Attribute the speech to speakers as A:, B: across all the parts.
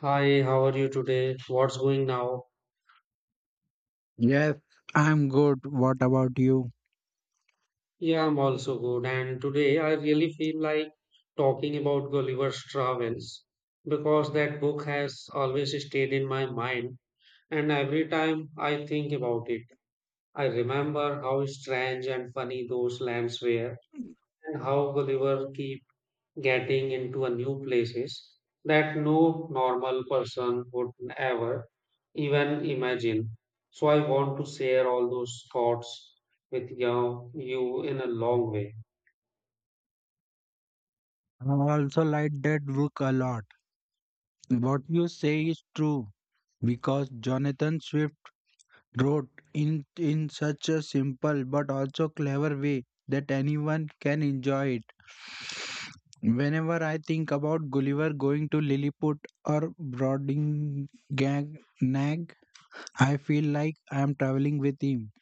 A: Hi, how are you today? What's going now?
B: Yes, I'm good. What about you?
A: Yeah, I'm also good. And today I really feel like talking about Gulliver's Travels because that book has always stayed in my mind. And every time I think about it, I remember how strange and funny those lands were and how Gulliver keeps getting into a new places that no normal person would ever even imagine. So I want to share all those thoughts with you, in a long way.
B: I also like that book a lot. What you say is true because Jonathan Swift wrote in such a simple but also clever way that anyone can enjoy it. Whenever I think about Gulliver going to Lilliput or Broadingnag, Nag, I feel like I am traveling with him.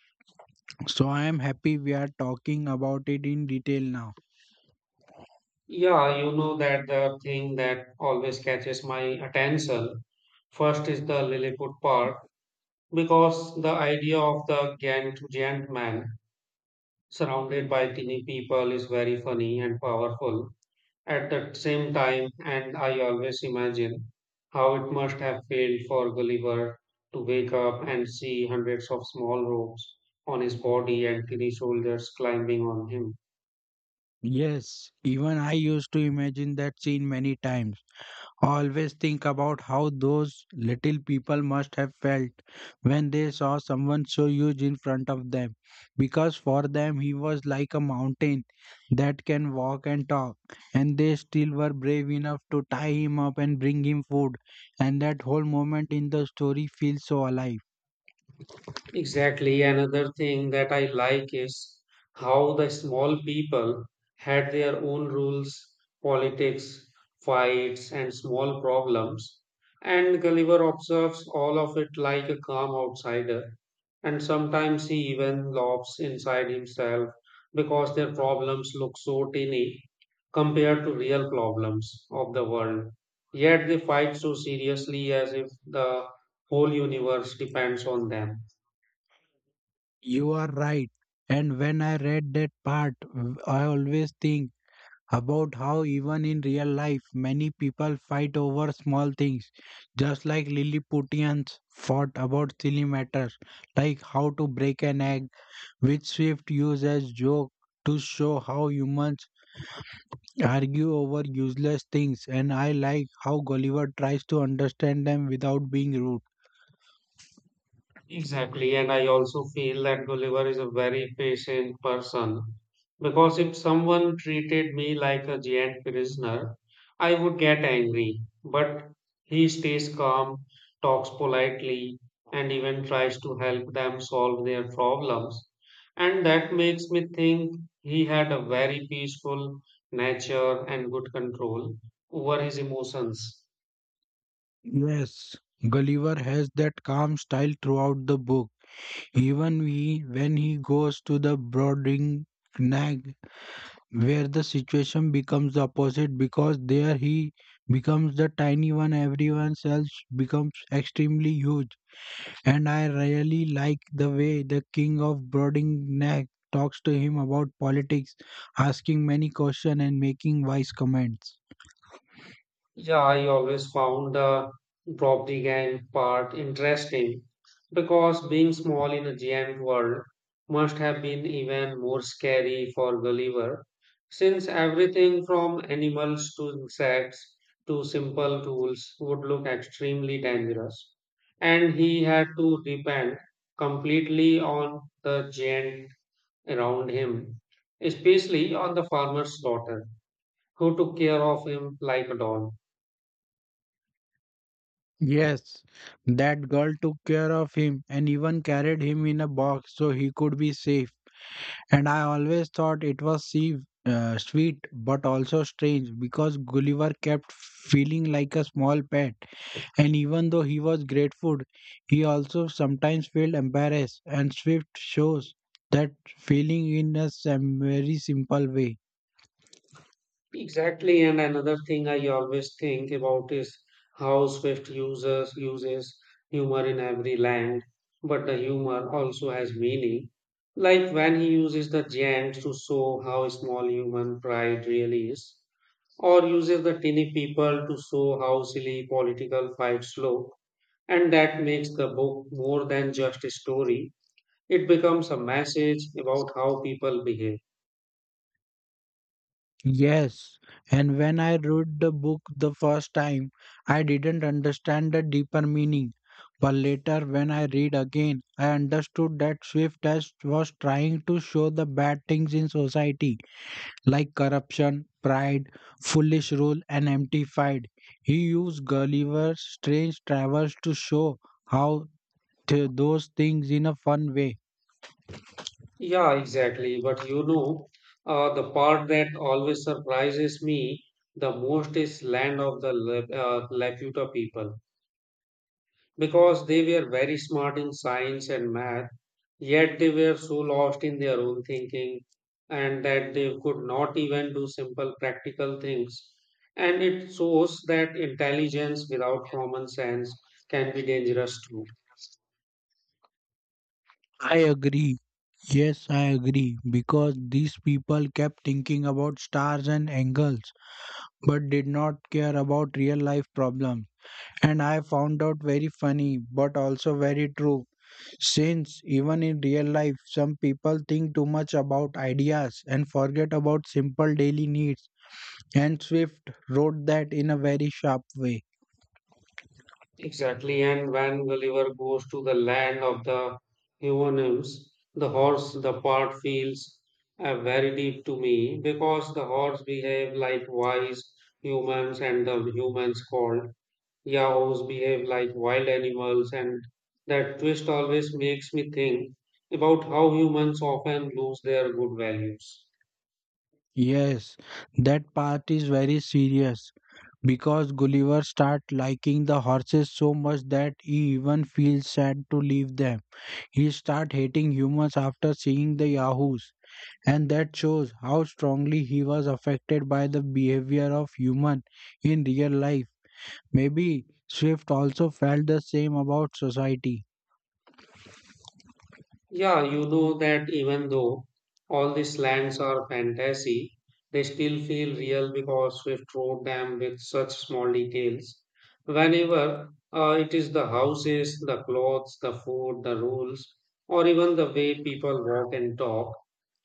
B: So I am happy we are talking about it in detail now.
A: Yeah, you know that The thing that always catches my attention first is the Lilliput Park because the idea of the giant man surrounded by tiny people is very funny and powerful at the same time, and I always imagine how it must have felt for Gulliver to wake up and see hundreds of small ropes on his body and tiny shoulders climbing on him.
B: Yes, even I used to imagine that scene many times. Always think about how those little people must have felt when they saw someone so huge in front of them, because for them he was like a mountain that can walk and talk, and they still were brave enough to tie him up and bring him food, and that whole moment in the story feels so alive.
A: Exactly, another thing that I like is how the small people had their own rules, politics, fights, and small problems, and Gulliver observes all of it like a calm outsider. And sometimes he even laughs inside himself because their problems look so tiny compared to real problems of the world. Yet they fight so seriously as if the whole universe depends on them.
B: You are right. And when I read that part, I always think about how even in real life many people fight over small things, just like lilliputians fought about silly matters, like how to break an egg, which Swift used as joke to show how humans argue over useless things. And I like how Gulliver tries to understand them without being rude.
A: Exactly, and I also feel that Gulliver is a very patient person because if someone treated me like a giant prisoner, I would get angry. But he stays calm, talks politely, and even tries to help them solve their problems. And that makes me think he had a very peaceful nature and good control over his emotions.
B: Yes, Gulliver has that calm style throughout the book, even he, when he goes to the Brooding Nag, where the situation becomes the opposite, because there he becomes the tiny one, everyone else becomes extremely huge. And I really like the way the king of Broadingneck talks to him about politics, asking many questions and making wise comments.
A: Yeah, I always found the propaganda part interesting because being small in a giant world must have been even more scary for Gulliver, since everything from animals to insects to simple tools would look extremely dangerous. And he had to depend completely on the giant around him, especially on the farmer's daughter, who took care of him like a doll.
B: Yes, that girl took care of him and even carried him in a box so he could be safe. And I always thought it was sweet but also strange because Gulliver kept feeling like a small pet. And even though he was grateful, he also sometimes felt embarrassed. And Swift shows that feeling in a very simple way.
A: Exactly, and another thing I always think about is how Swift uses humor in every land, but the humor also has meaning. Like when he uses the gems to show how small human pride really is, or uses the tiny people to show how silly political fights look, and that makes the book more than just a story. It becomes a message about how people behave.
B: Yes, and when I read the book the first time, I didn't understand the deeper meaning. But later, when I read again, I understood that Swift as was trying to show the bad things in society, like corruption, pride, foolish rule, and empty pride. He used Gulliver's strange travels to show how those things in a fun way.
A: Yeah, exactly. But you know, the part that always surprises me the most is land of the Laputa people because they were very smart in science and math, yet they were so lost in their own thinking and that they could not even do simple practical things. And it shows that intelligence without common sense can be dangerous too.
B: I agree. Yes, I agree, because these people kept thinking about stars and angles, but did not care about real life problems. And I found out very funny, but also very true, since even in real life, some people think too much about ideas and forget about simple daily needs. And Swift wrote that in a very sharp way.
A: Exactly, and when Gulliver goes to the land of the Huonyls, the horse, the part feels very deep to me because the horse behave like wise humans and the humans called yaos behave like wild animals and that twist always makes me think about how humans often lose their good values.
B: Yes, that part is very serious because Gulliver starts liking the horses so much that he even feels sad to leave them. He starts hating humans after seeing the Yahoos, and that shows how strongly he was affected by the behavior of humans in real life. Maybe Swift also felt the same about society.
A: Yeah, you know that even though all these lands are fantasy, they still feel real because Swift wrote them with such small details. Whenever it is the houses, the clothes, the food, the rules, or even the way people walk and talk.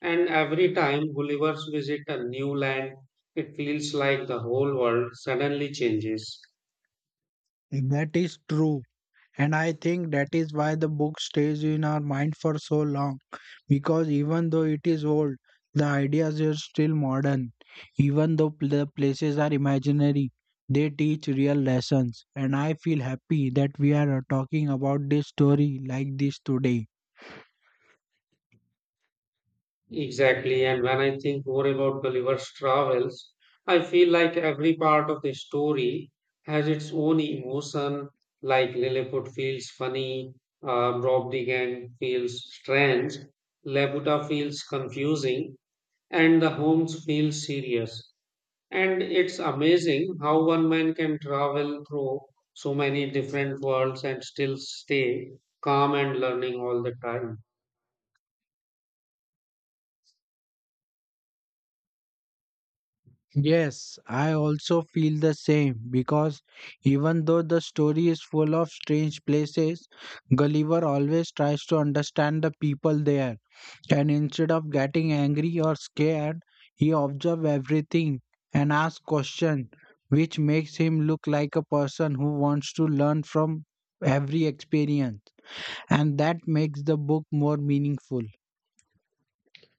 A: And every time Gullivers visit a new land, it feels like the whole world suddenly changes.
B: That is true. And I think that is why the book stays in our mind for so long, because even though it is old, the ideas are still modern. Even though the places are imaginary, they teach real lessons. And I feel happy that we are talking about this story like this today.
A: Exactly, and when I think more about Gulliver's travels, I feel like every part of the story has its own emotion, like Lilliput feels funny, Rob the Gang feels strange, Labuta feels confusing, and the Holmes feels serious. And it's amazing how one man can travel through so many different worlds and still stay calm and learning all the time.
B: Yes, I also feel the same because even though the story is full of strange places, Gulliver always tries to understand the people there. And instead of getting angry or scared, he observes everything and asks questions, which makes him look like a person who wants to learn from every experience. And that makes the book more meaningful.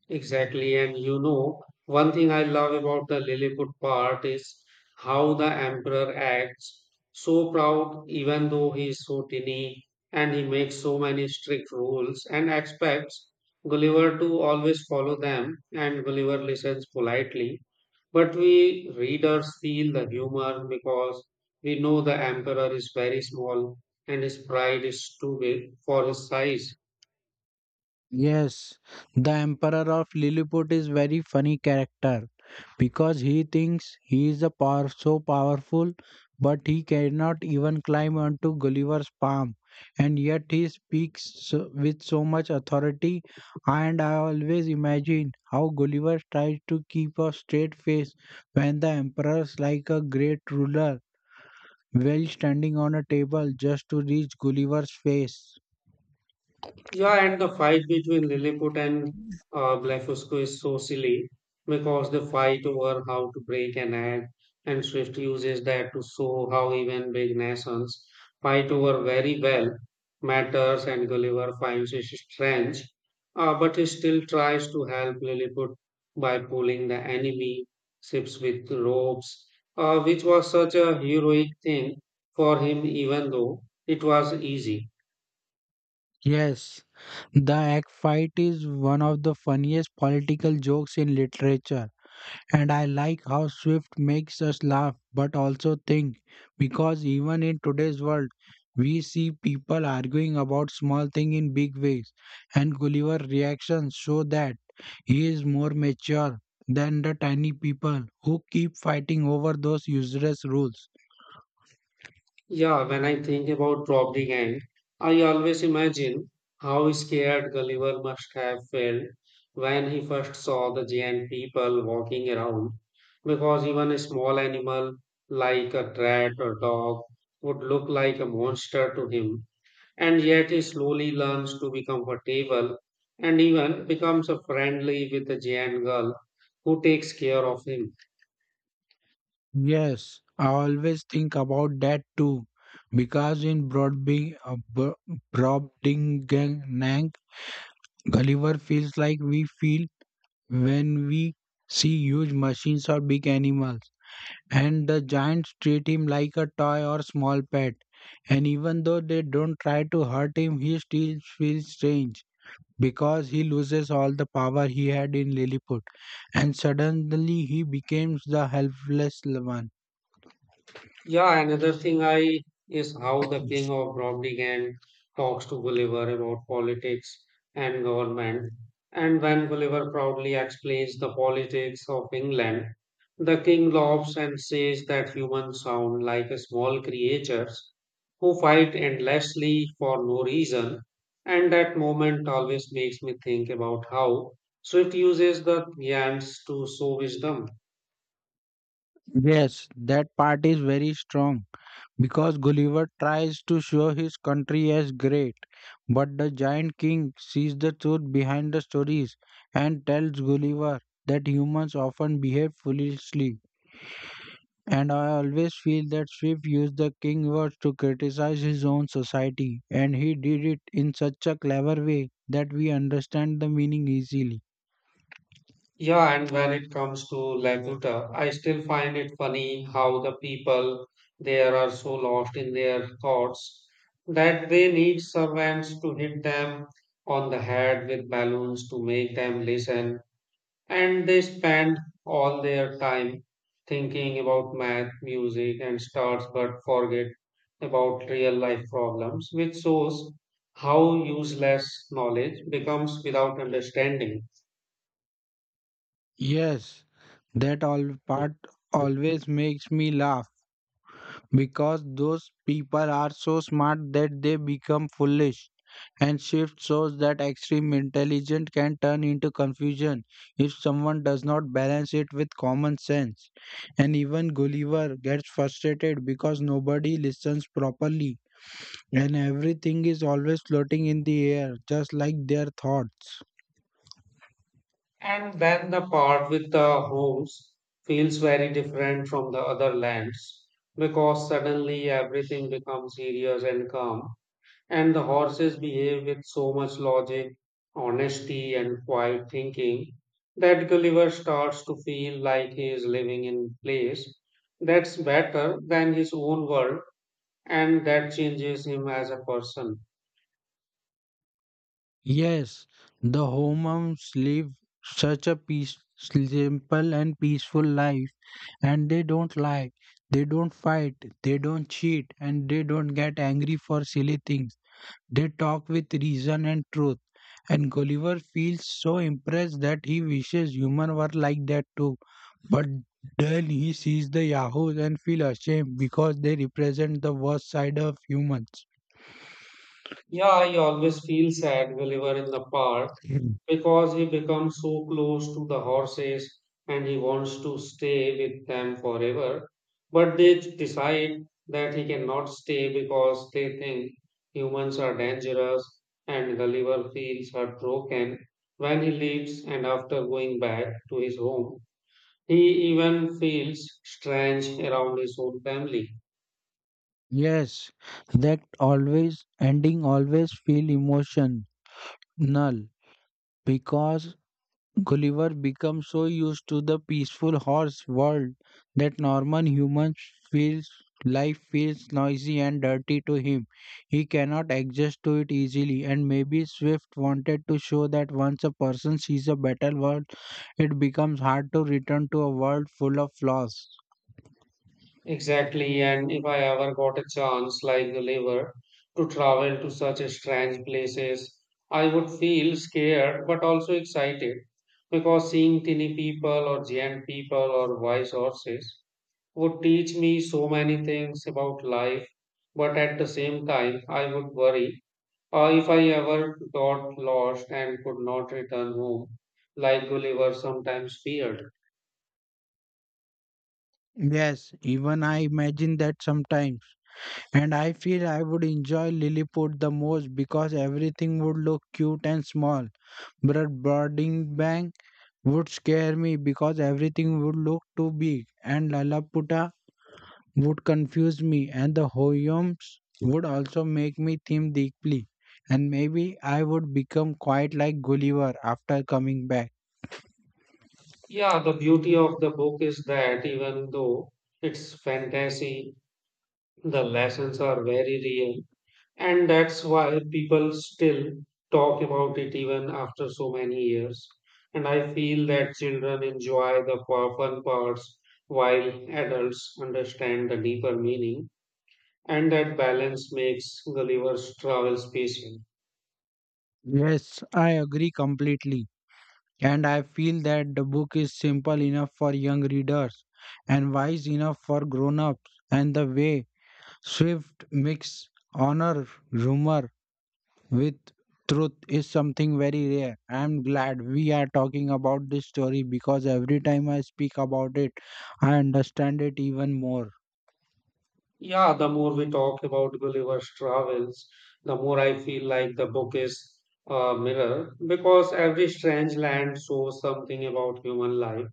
A: Exactly, and you know, one thing I love about the Lilliput part is how the emperor acts so proud, even though he is so tiny, and he makes so many strict rules and expects Gulliver to always follow them, and Gulliver listens politely. But we readers feel the humor because we know the emperor is very small and his pride is too big for his size.
B: Yes, the Emperor of Lilliput is very funny character because he thinks he is a power so powerful, but he cannot even climb onto Gulliver's palm, and yet he speaks so, with so much authority. And I always imagine how Gulliver tries to keep a straight face when the Emperor's like a great ruler, well standing on a table just to reach Gulliver's face.
A: Yeah, and the fight between Lilliput and Blefuscu is so silly because they fight over how to break an egg, and Swift uses that to show how even big nations fight over very well matters, and Gulliver finds it strange, but he still tries to help Lilliput by pulling the enemy ships with ropes, which was such a heroic thing for him, even though it was easy.
B: Yes, the egg fight is one of the funniest political jokes in literature, and I like how Swift makes us laugh but also think because even in today's world, we see people arguing about small things in big ways, and Gulliver's reactions show that he is more mature than the tiny people who keep fighting over those useless rules.
A: Yeah, when I think about robbing Gang, I always imagine how scared Gulliver must have felt when he first saw the giant people walking around, because even a small animal like a rat or dog would look like a monster to him, and yet he slowly learns to be comfortable and even becomes a friendly with the giant girl who takes care of him.
B: Yes, I always think about that too, because in Brobdingnag, Gulliver feels like we feel when we see huge machines or big animals, and the giants treat him like a toy or small pet. And even though they don't try to hurt him, he still feels strange because he loses all the power he had in Lilliput, and suddenly he becomes the helpless one.
A: Yeah, another thing I is how the king of Brobdingan talks to Gulliver about politics and government. And when Gulliver proudly explains the politics of England, the king laughs and says that humans sound like small creatures who fight endlessly for no reason. And that moment always makes me think about how Swift uses the yams to show wisdom.
B: Yes, that part is very strong because Gulliver tries to show his country as great, but the giant king sees the truth behind the stories and tells Gulliver that humans often behave foolishly. And I always feel that Swift used the king words to criticize his own society, and he did it in such a clever way that we understand the meaning easily.
A: Yeah, and when it comes to Laputa, I still find it funny how the people there are so lost in their thoughts that they need servants to hit them on the head with balloons to make them listen, and they spend all their time thinking about math, music, and stars, but forget about real life problems, which shows how useless knowledge becomes without understanding.
B: Yes, that all part always makes me laugh because those people are so smart that they become foolish. And shift shows that extreme intelligence can turn into confusion if someone does not balance it with common sense. And even Gulliver gets frustrated because nobody listens properly, and everything is always floating in the air, just like their thoughts.
A: And then the part with the homes feels very different from the other lands because suddenly everything becomes serious and calm, and the horses behave with so much logic, honesty, and quiet thinking that Gulliver starts to feel like he is living in place that's better than his own world, and that changes him as a person.
B: Yes, the Homoms live such a peace, simple and peaceful life. And they don't lie, they don't fight, they don't cheat, and they don't get angry for silly things. They talk with reason and truth. And Gulliver feels so impressed that he wishes humans were like that too. But then he sees the Yahoos and feels ashamed because they represent the worst side of humans.
A: Yeah, I always feel sad, Gulliver, in the park
B: Mm.
A: because he becomes so close to the horses and he wants to stay with them forever. But they decide that he cannot stay because they think humans are dangerous and the liver feels heartbroken when he leaves and after going back to his home. He even feels strange around his own family.
B: Yes, that always ending always feel emotion null because Gulliver becomes so used to the peaceful horse world that normal human feels life feels noisy and dirty to him. He cannot adjust to it easily, and maybe Swift wanted to show that once a person sees a better world, it becomes hard to return to a world full of flaws.
A: Exactly, and if I ever got a chance like the liver to travel to such a strange places, I would feel scared but also excited because seeing tiny people or giant people or wise horses would teach me so many things about life. But at the same time, I would worry if I ever got lost and could not return home, like Gulliver sometimes feared.
B: Yes, even I imagine that sometimes. And I feel I would enjoy Lilliput the most because everything would look cute and small. But Broadbent would scare me because everything would look too big, and Lalaputa would confuse me, and the Houyums would also make me think deeply. And maybe I would become quite like Gulliver after coming back.
A: Yeah, the beauty of the book is that even though it's fantasy, the lessons are very real. And that's why people still talk about it even after so many years. And I feel that children enjoy the fun parts while adults understand the deeper meaning. And that balance makes Gulliver's Travels special.
B: Yes, I agree completely. And I feel that the book is simple enough for young readers and wise enough for grown ups. And the way Swift mix honor, humor, with truth is something very rare. I am glad we are talking about this story because every time I speak about it, I understand it even more.
A: Yeah, the more we talk about Gulliver's travels, the more I feel like the book is a mirror because every strange land shows something about human life.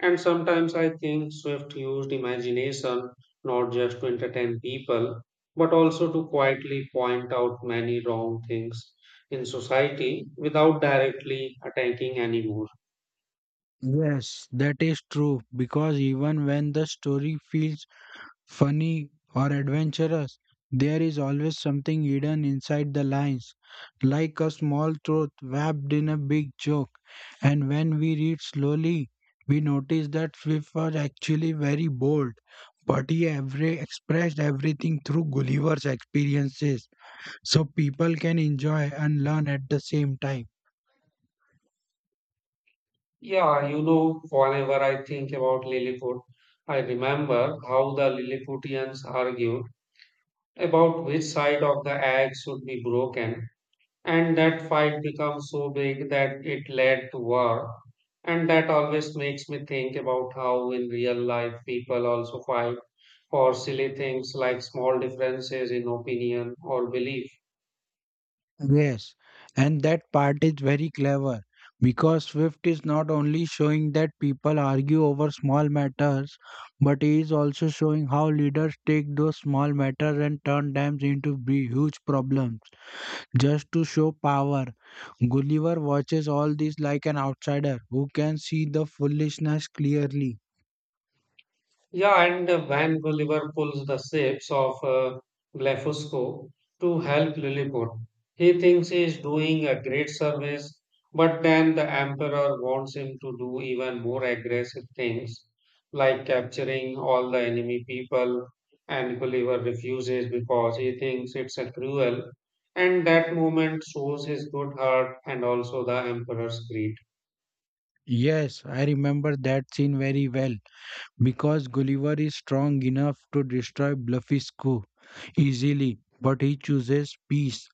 A: And sometimes I think Swift used imagination not just to entertain people, but also to quietly point out many wrong things in society without directly attacking anymore.
B: Yes, that is true because even when the story feels funny, or adventurous, there is always something hidden inside the lines, like a small truth wrapped in a big joke. And when we read slowly, we notice that Swift was actually very bold, but he every expressed everything through Gulliver's experiences, so people can enjoy and learn at the same time.
A: Yeah, you know, whenever I think about Lilliput, I remember how the Lilliputians argued about which side of the egg should be broken, and that fight became so big that it led to war. And that always makes me think about how in real life people also fight for silly things like small differences in opinion or belief.
B: Yes, and that part is very clever because Swift is not only showing that people argue over small matters, but he is also showing how leaders take those small matters and turn them into big, huge problems just to show power. Gulliver watches all this like an outsider who can see the foolishness clearly.
A: Yeah, and when Gulliver pulls the shapes of Blefusco to help Lilliput, he thinks he is doing a great service, but then the Emperor wants him to do even more aggressive things, like capturing all the enemy people, and Gulliver refuses because he thinks it's a cruel, and that moment shows his good heart and also the Emperor's greed.
B: Yes, I remember that scene very well because Gulliver is strong enough to destroy Bluffy's coup easily, but he chooses peace,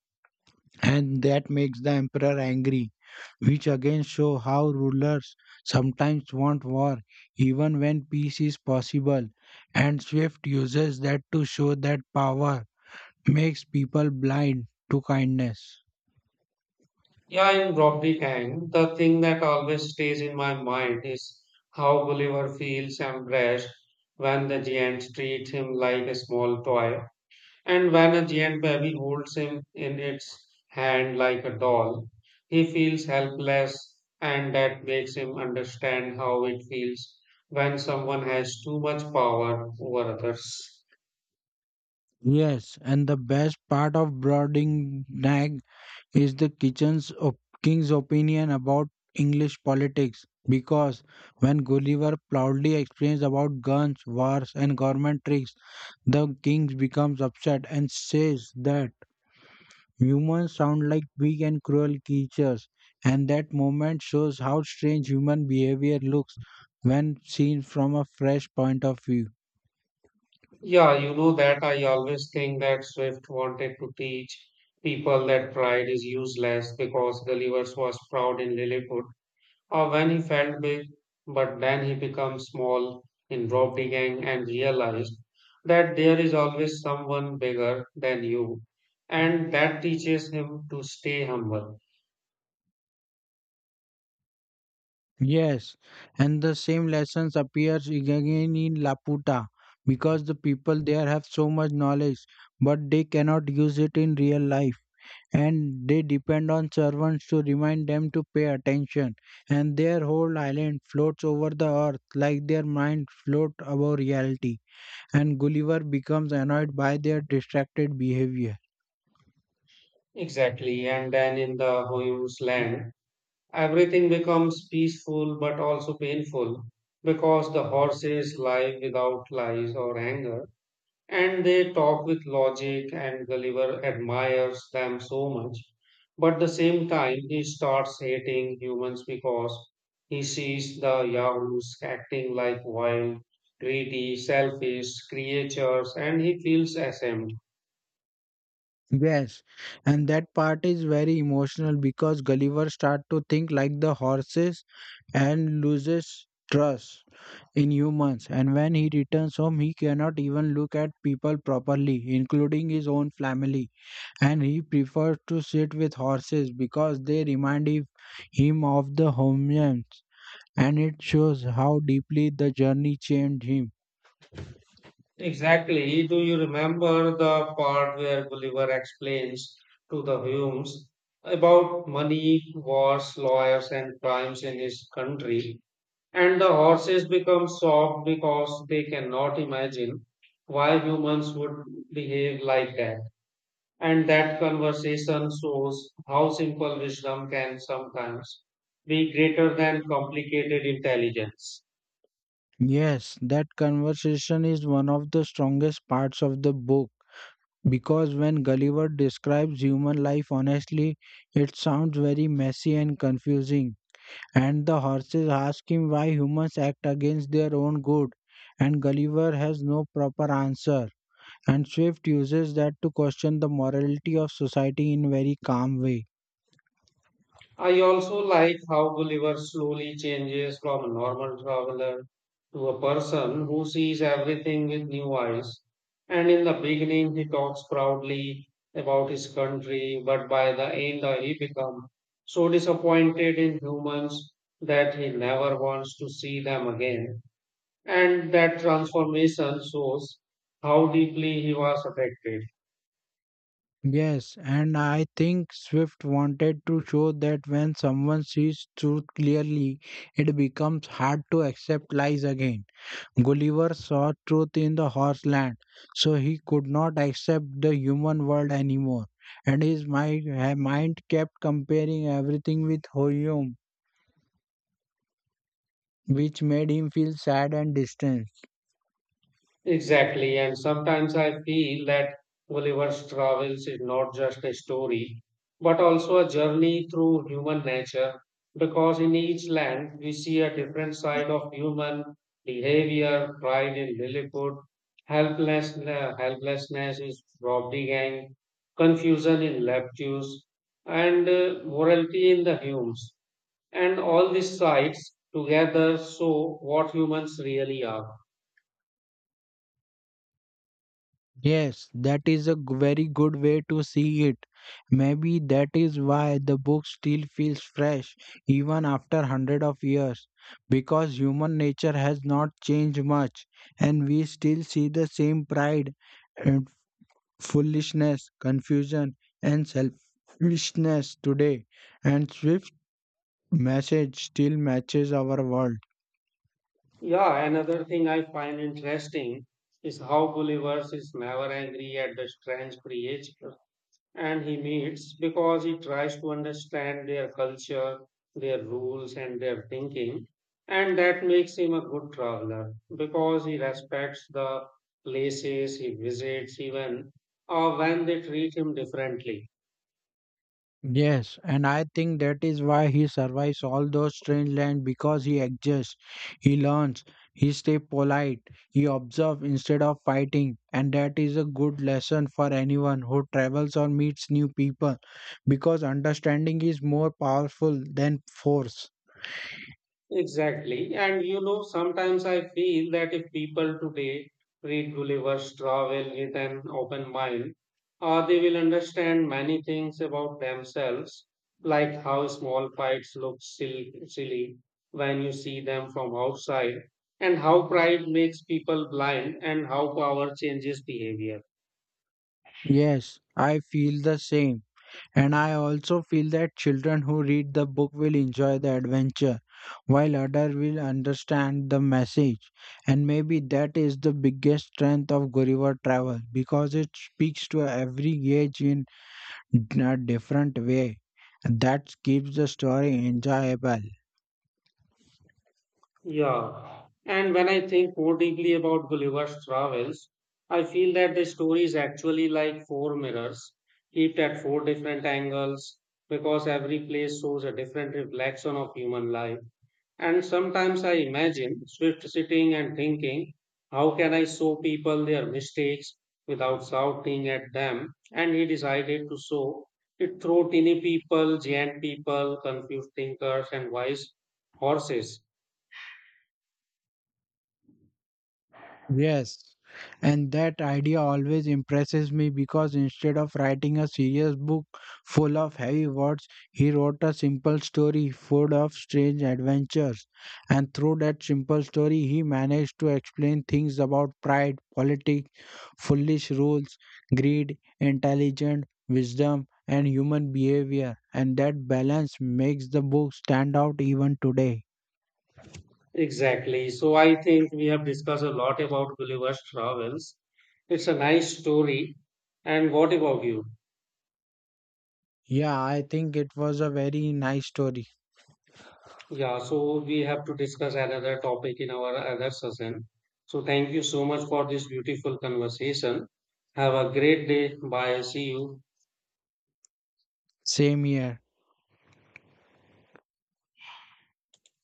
B: and that makes the Emperor angry, which again show how rulers sometimes want war even when peace is possible, and Swift uses that to show that power makes people blind to kindness.
A: Yeah, in Rocky Kang, the thing that always stays in my mind is how Gulliver feels embarrassed when the giants treat him like a small toy, and when a giant baby holds him in its hand like a doll. He feels helpless, and that makes him understand how it feels when someone has too much power over others.
B: Yes, and the best part of Brooding Nag is the king's opinion about English politics, because when Gulliver proudly explains about guns, wars, and government tricks, the king becomes upset and says that humans sound like weak and cruel creatures, and that moment shows how strange human behavior looks when seen from a fresh point of view.
A: Yeah, you know that I always think that Swift wanted to teach people that pride is useless because Gulliver's was proud in Lilliput or when he felt big, but then he became small in Robbery Gang and realized that there is always someone bigger than you, and that teaches him to stay humble.
B: Yes, and the same lessons appears again in Laputa because the people there have so much knowledge, but they cannot use it in real life, and they depend on servants to remind them to pay attention. And their whole island floats over the earth like their mind float above reality. And Gulliver becomes annoyed by their distracted behavior.
A: Exactly, and then in the Hoyos land. Everything becomes peaceful but also painful because the horses lie without lies or anger and they talk with logic and Gulliver admires them so much. But at the same time, he starts hating humans because he sees the Yahoos acting like wild, greedy, selfish creatures and he feels ashamed.
B: Yes, and that part is very emotional because Gulliver start to think like the horses and loses trust in humans. And when he returns home, he cannot even look at people properly, including his own family. And he prefers to sit with horses because they remind him of the homelands. And it shows how deeply the journey changed him.
A: Exactly. Do you remember the part where Gulliver explains to the Humes about money, wars, lawyers, and crimes in his country? And the horses become shocked because they cannot imagine why humans would behave like that. And that conversation shows how simple wisdom can sometimes be greater than complicated intelligence.
B: Yes, that conversation is one of the strongest parts of the book because when Gulliver describes human life honestly, it sounds very messy and confusing, and the horses ask him why humans act against their own good, and Gulliver has no proper answer. And Swift uses that to question the morality of society in very calm way.
A: I also like how Gulliver slowly changes from a normal traveler to a person who sees everything with new eyes. And in the beginning, he talks proudly about his country, but by the end, he becomes so disappointed in humans that he never wants to see them again. And that transformation shows how deeply he was affected.
B: Yes, and I think Swift wanted to show that when someone sees truth clearly, it becomes hard to accept lies again. Gulliver saw truth in the horse land, so he could not accept the human world anymore, and his mind kept comparing everything with Hoyum, which made him feel sad and distant.
A: Exactly, and sometimes I feel that Gulliver's Travels is not just a story, but also a journey through human nature, because in each land we see a different side of human behavior, pride in lilyhood, helplessness is robbery gang, confusion in Leptus, and morality in the Humes. And all these sides together show what humans really are.
B: Yes, that is a very good way to see it. Maybe that is why the book still feels fresh even after hundred of years, because human nature has not changed much, and we still see the same pride foolishness, confusion, and selfishness today, and Swift's message still matches our world.
A: Yeah, another thing I find interesting is how Gulliver's is never angry at the strange creature and he meets because he tries to understand their culture, their rules, and their thinking. And that makes him a good traveler because he respects the places he visits, even when they treat him differently.
B: Yes, and I think that is why he survives all those strange land because he adjusts, he learns, he stays polite, he observes instead of fighting, and that is a good lesson for anyone who travels or meets new people because understanding is more powerful than force.
A: Exactly. And you know, sometimes I feel that if people today read Gulliver's Travel with an open mind, they will understand many things about themselves, like how small fights look silly when you see them from outside, and how pride makes people blind, and how power changes behavior.
B: Yes, I feel the same. And I also feel that children who read the book will enjoy the adventure, while others will understand the message. And maybe that is the biggest strength of Gulliver Travel because it speaks to every age in a different way. And that keeps the story enjoyable.
A: Yeah, and when I think more deeply about Gulliver's travels, I feel that the story is actually like 4 mirrors, kept at 4 different angles, because every place shows a different reflection of human life. And sometimes I imagine Swift sitting and thinking, how can I show people their mistakes without shouting at them? And he decided to show it through tiny people, giant people, confused thinkers, and wise horses.
B: Yes, and that idea always impresses me because instead of writing a serious book full of heavy words, he wrote a simple story full of strange adventures. And through that simple story, he managed to explain things about pride, politics, foolish rules, greed, intelligence, wisdom, and human behavior. And that balance makes the book stand out even today.
A: Exactly. So I think we have discussed a lot about Gulliver's travels. It's a nice story. And what about you?
B: Yeah, I think it was a very nice story.
A: Yeah, so we have to discuss another topic in our other session. So thank you so much for this beautiful conversation. Have a great day. Bye. See you.
B: Same here.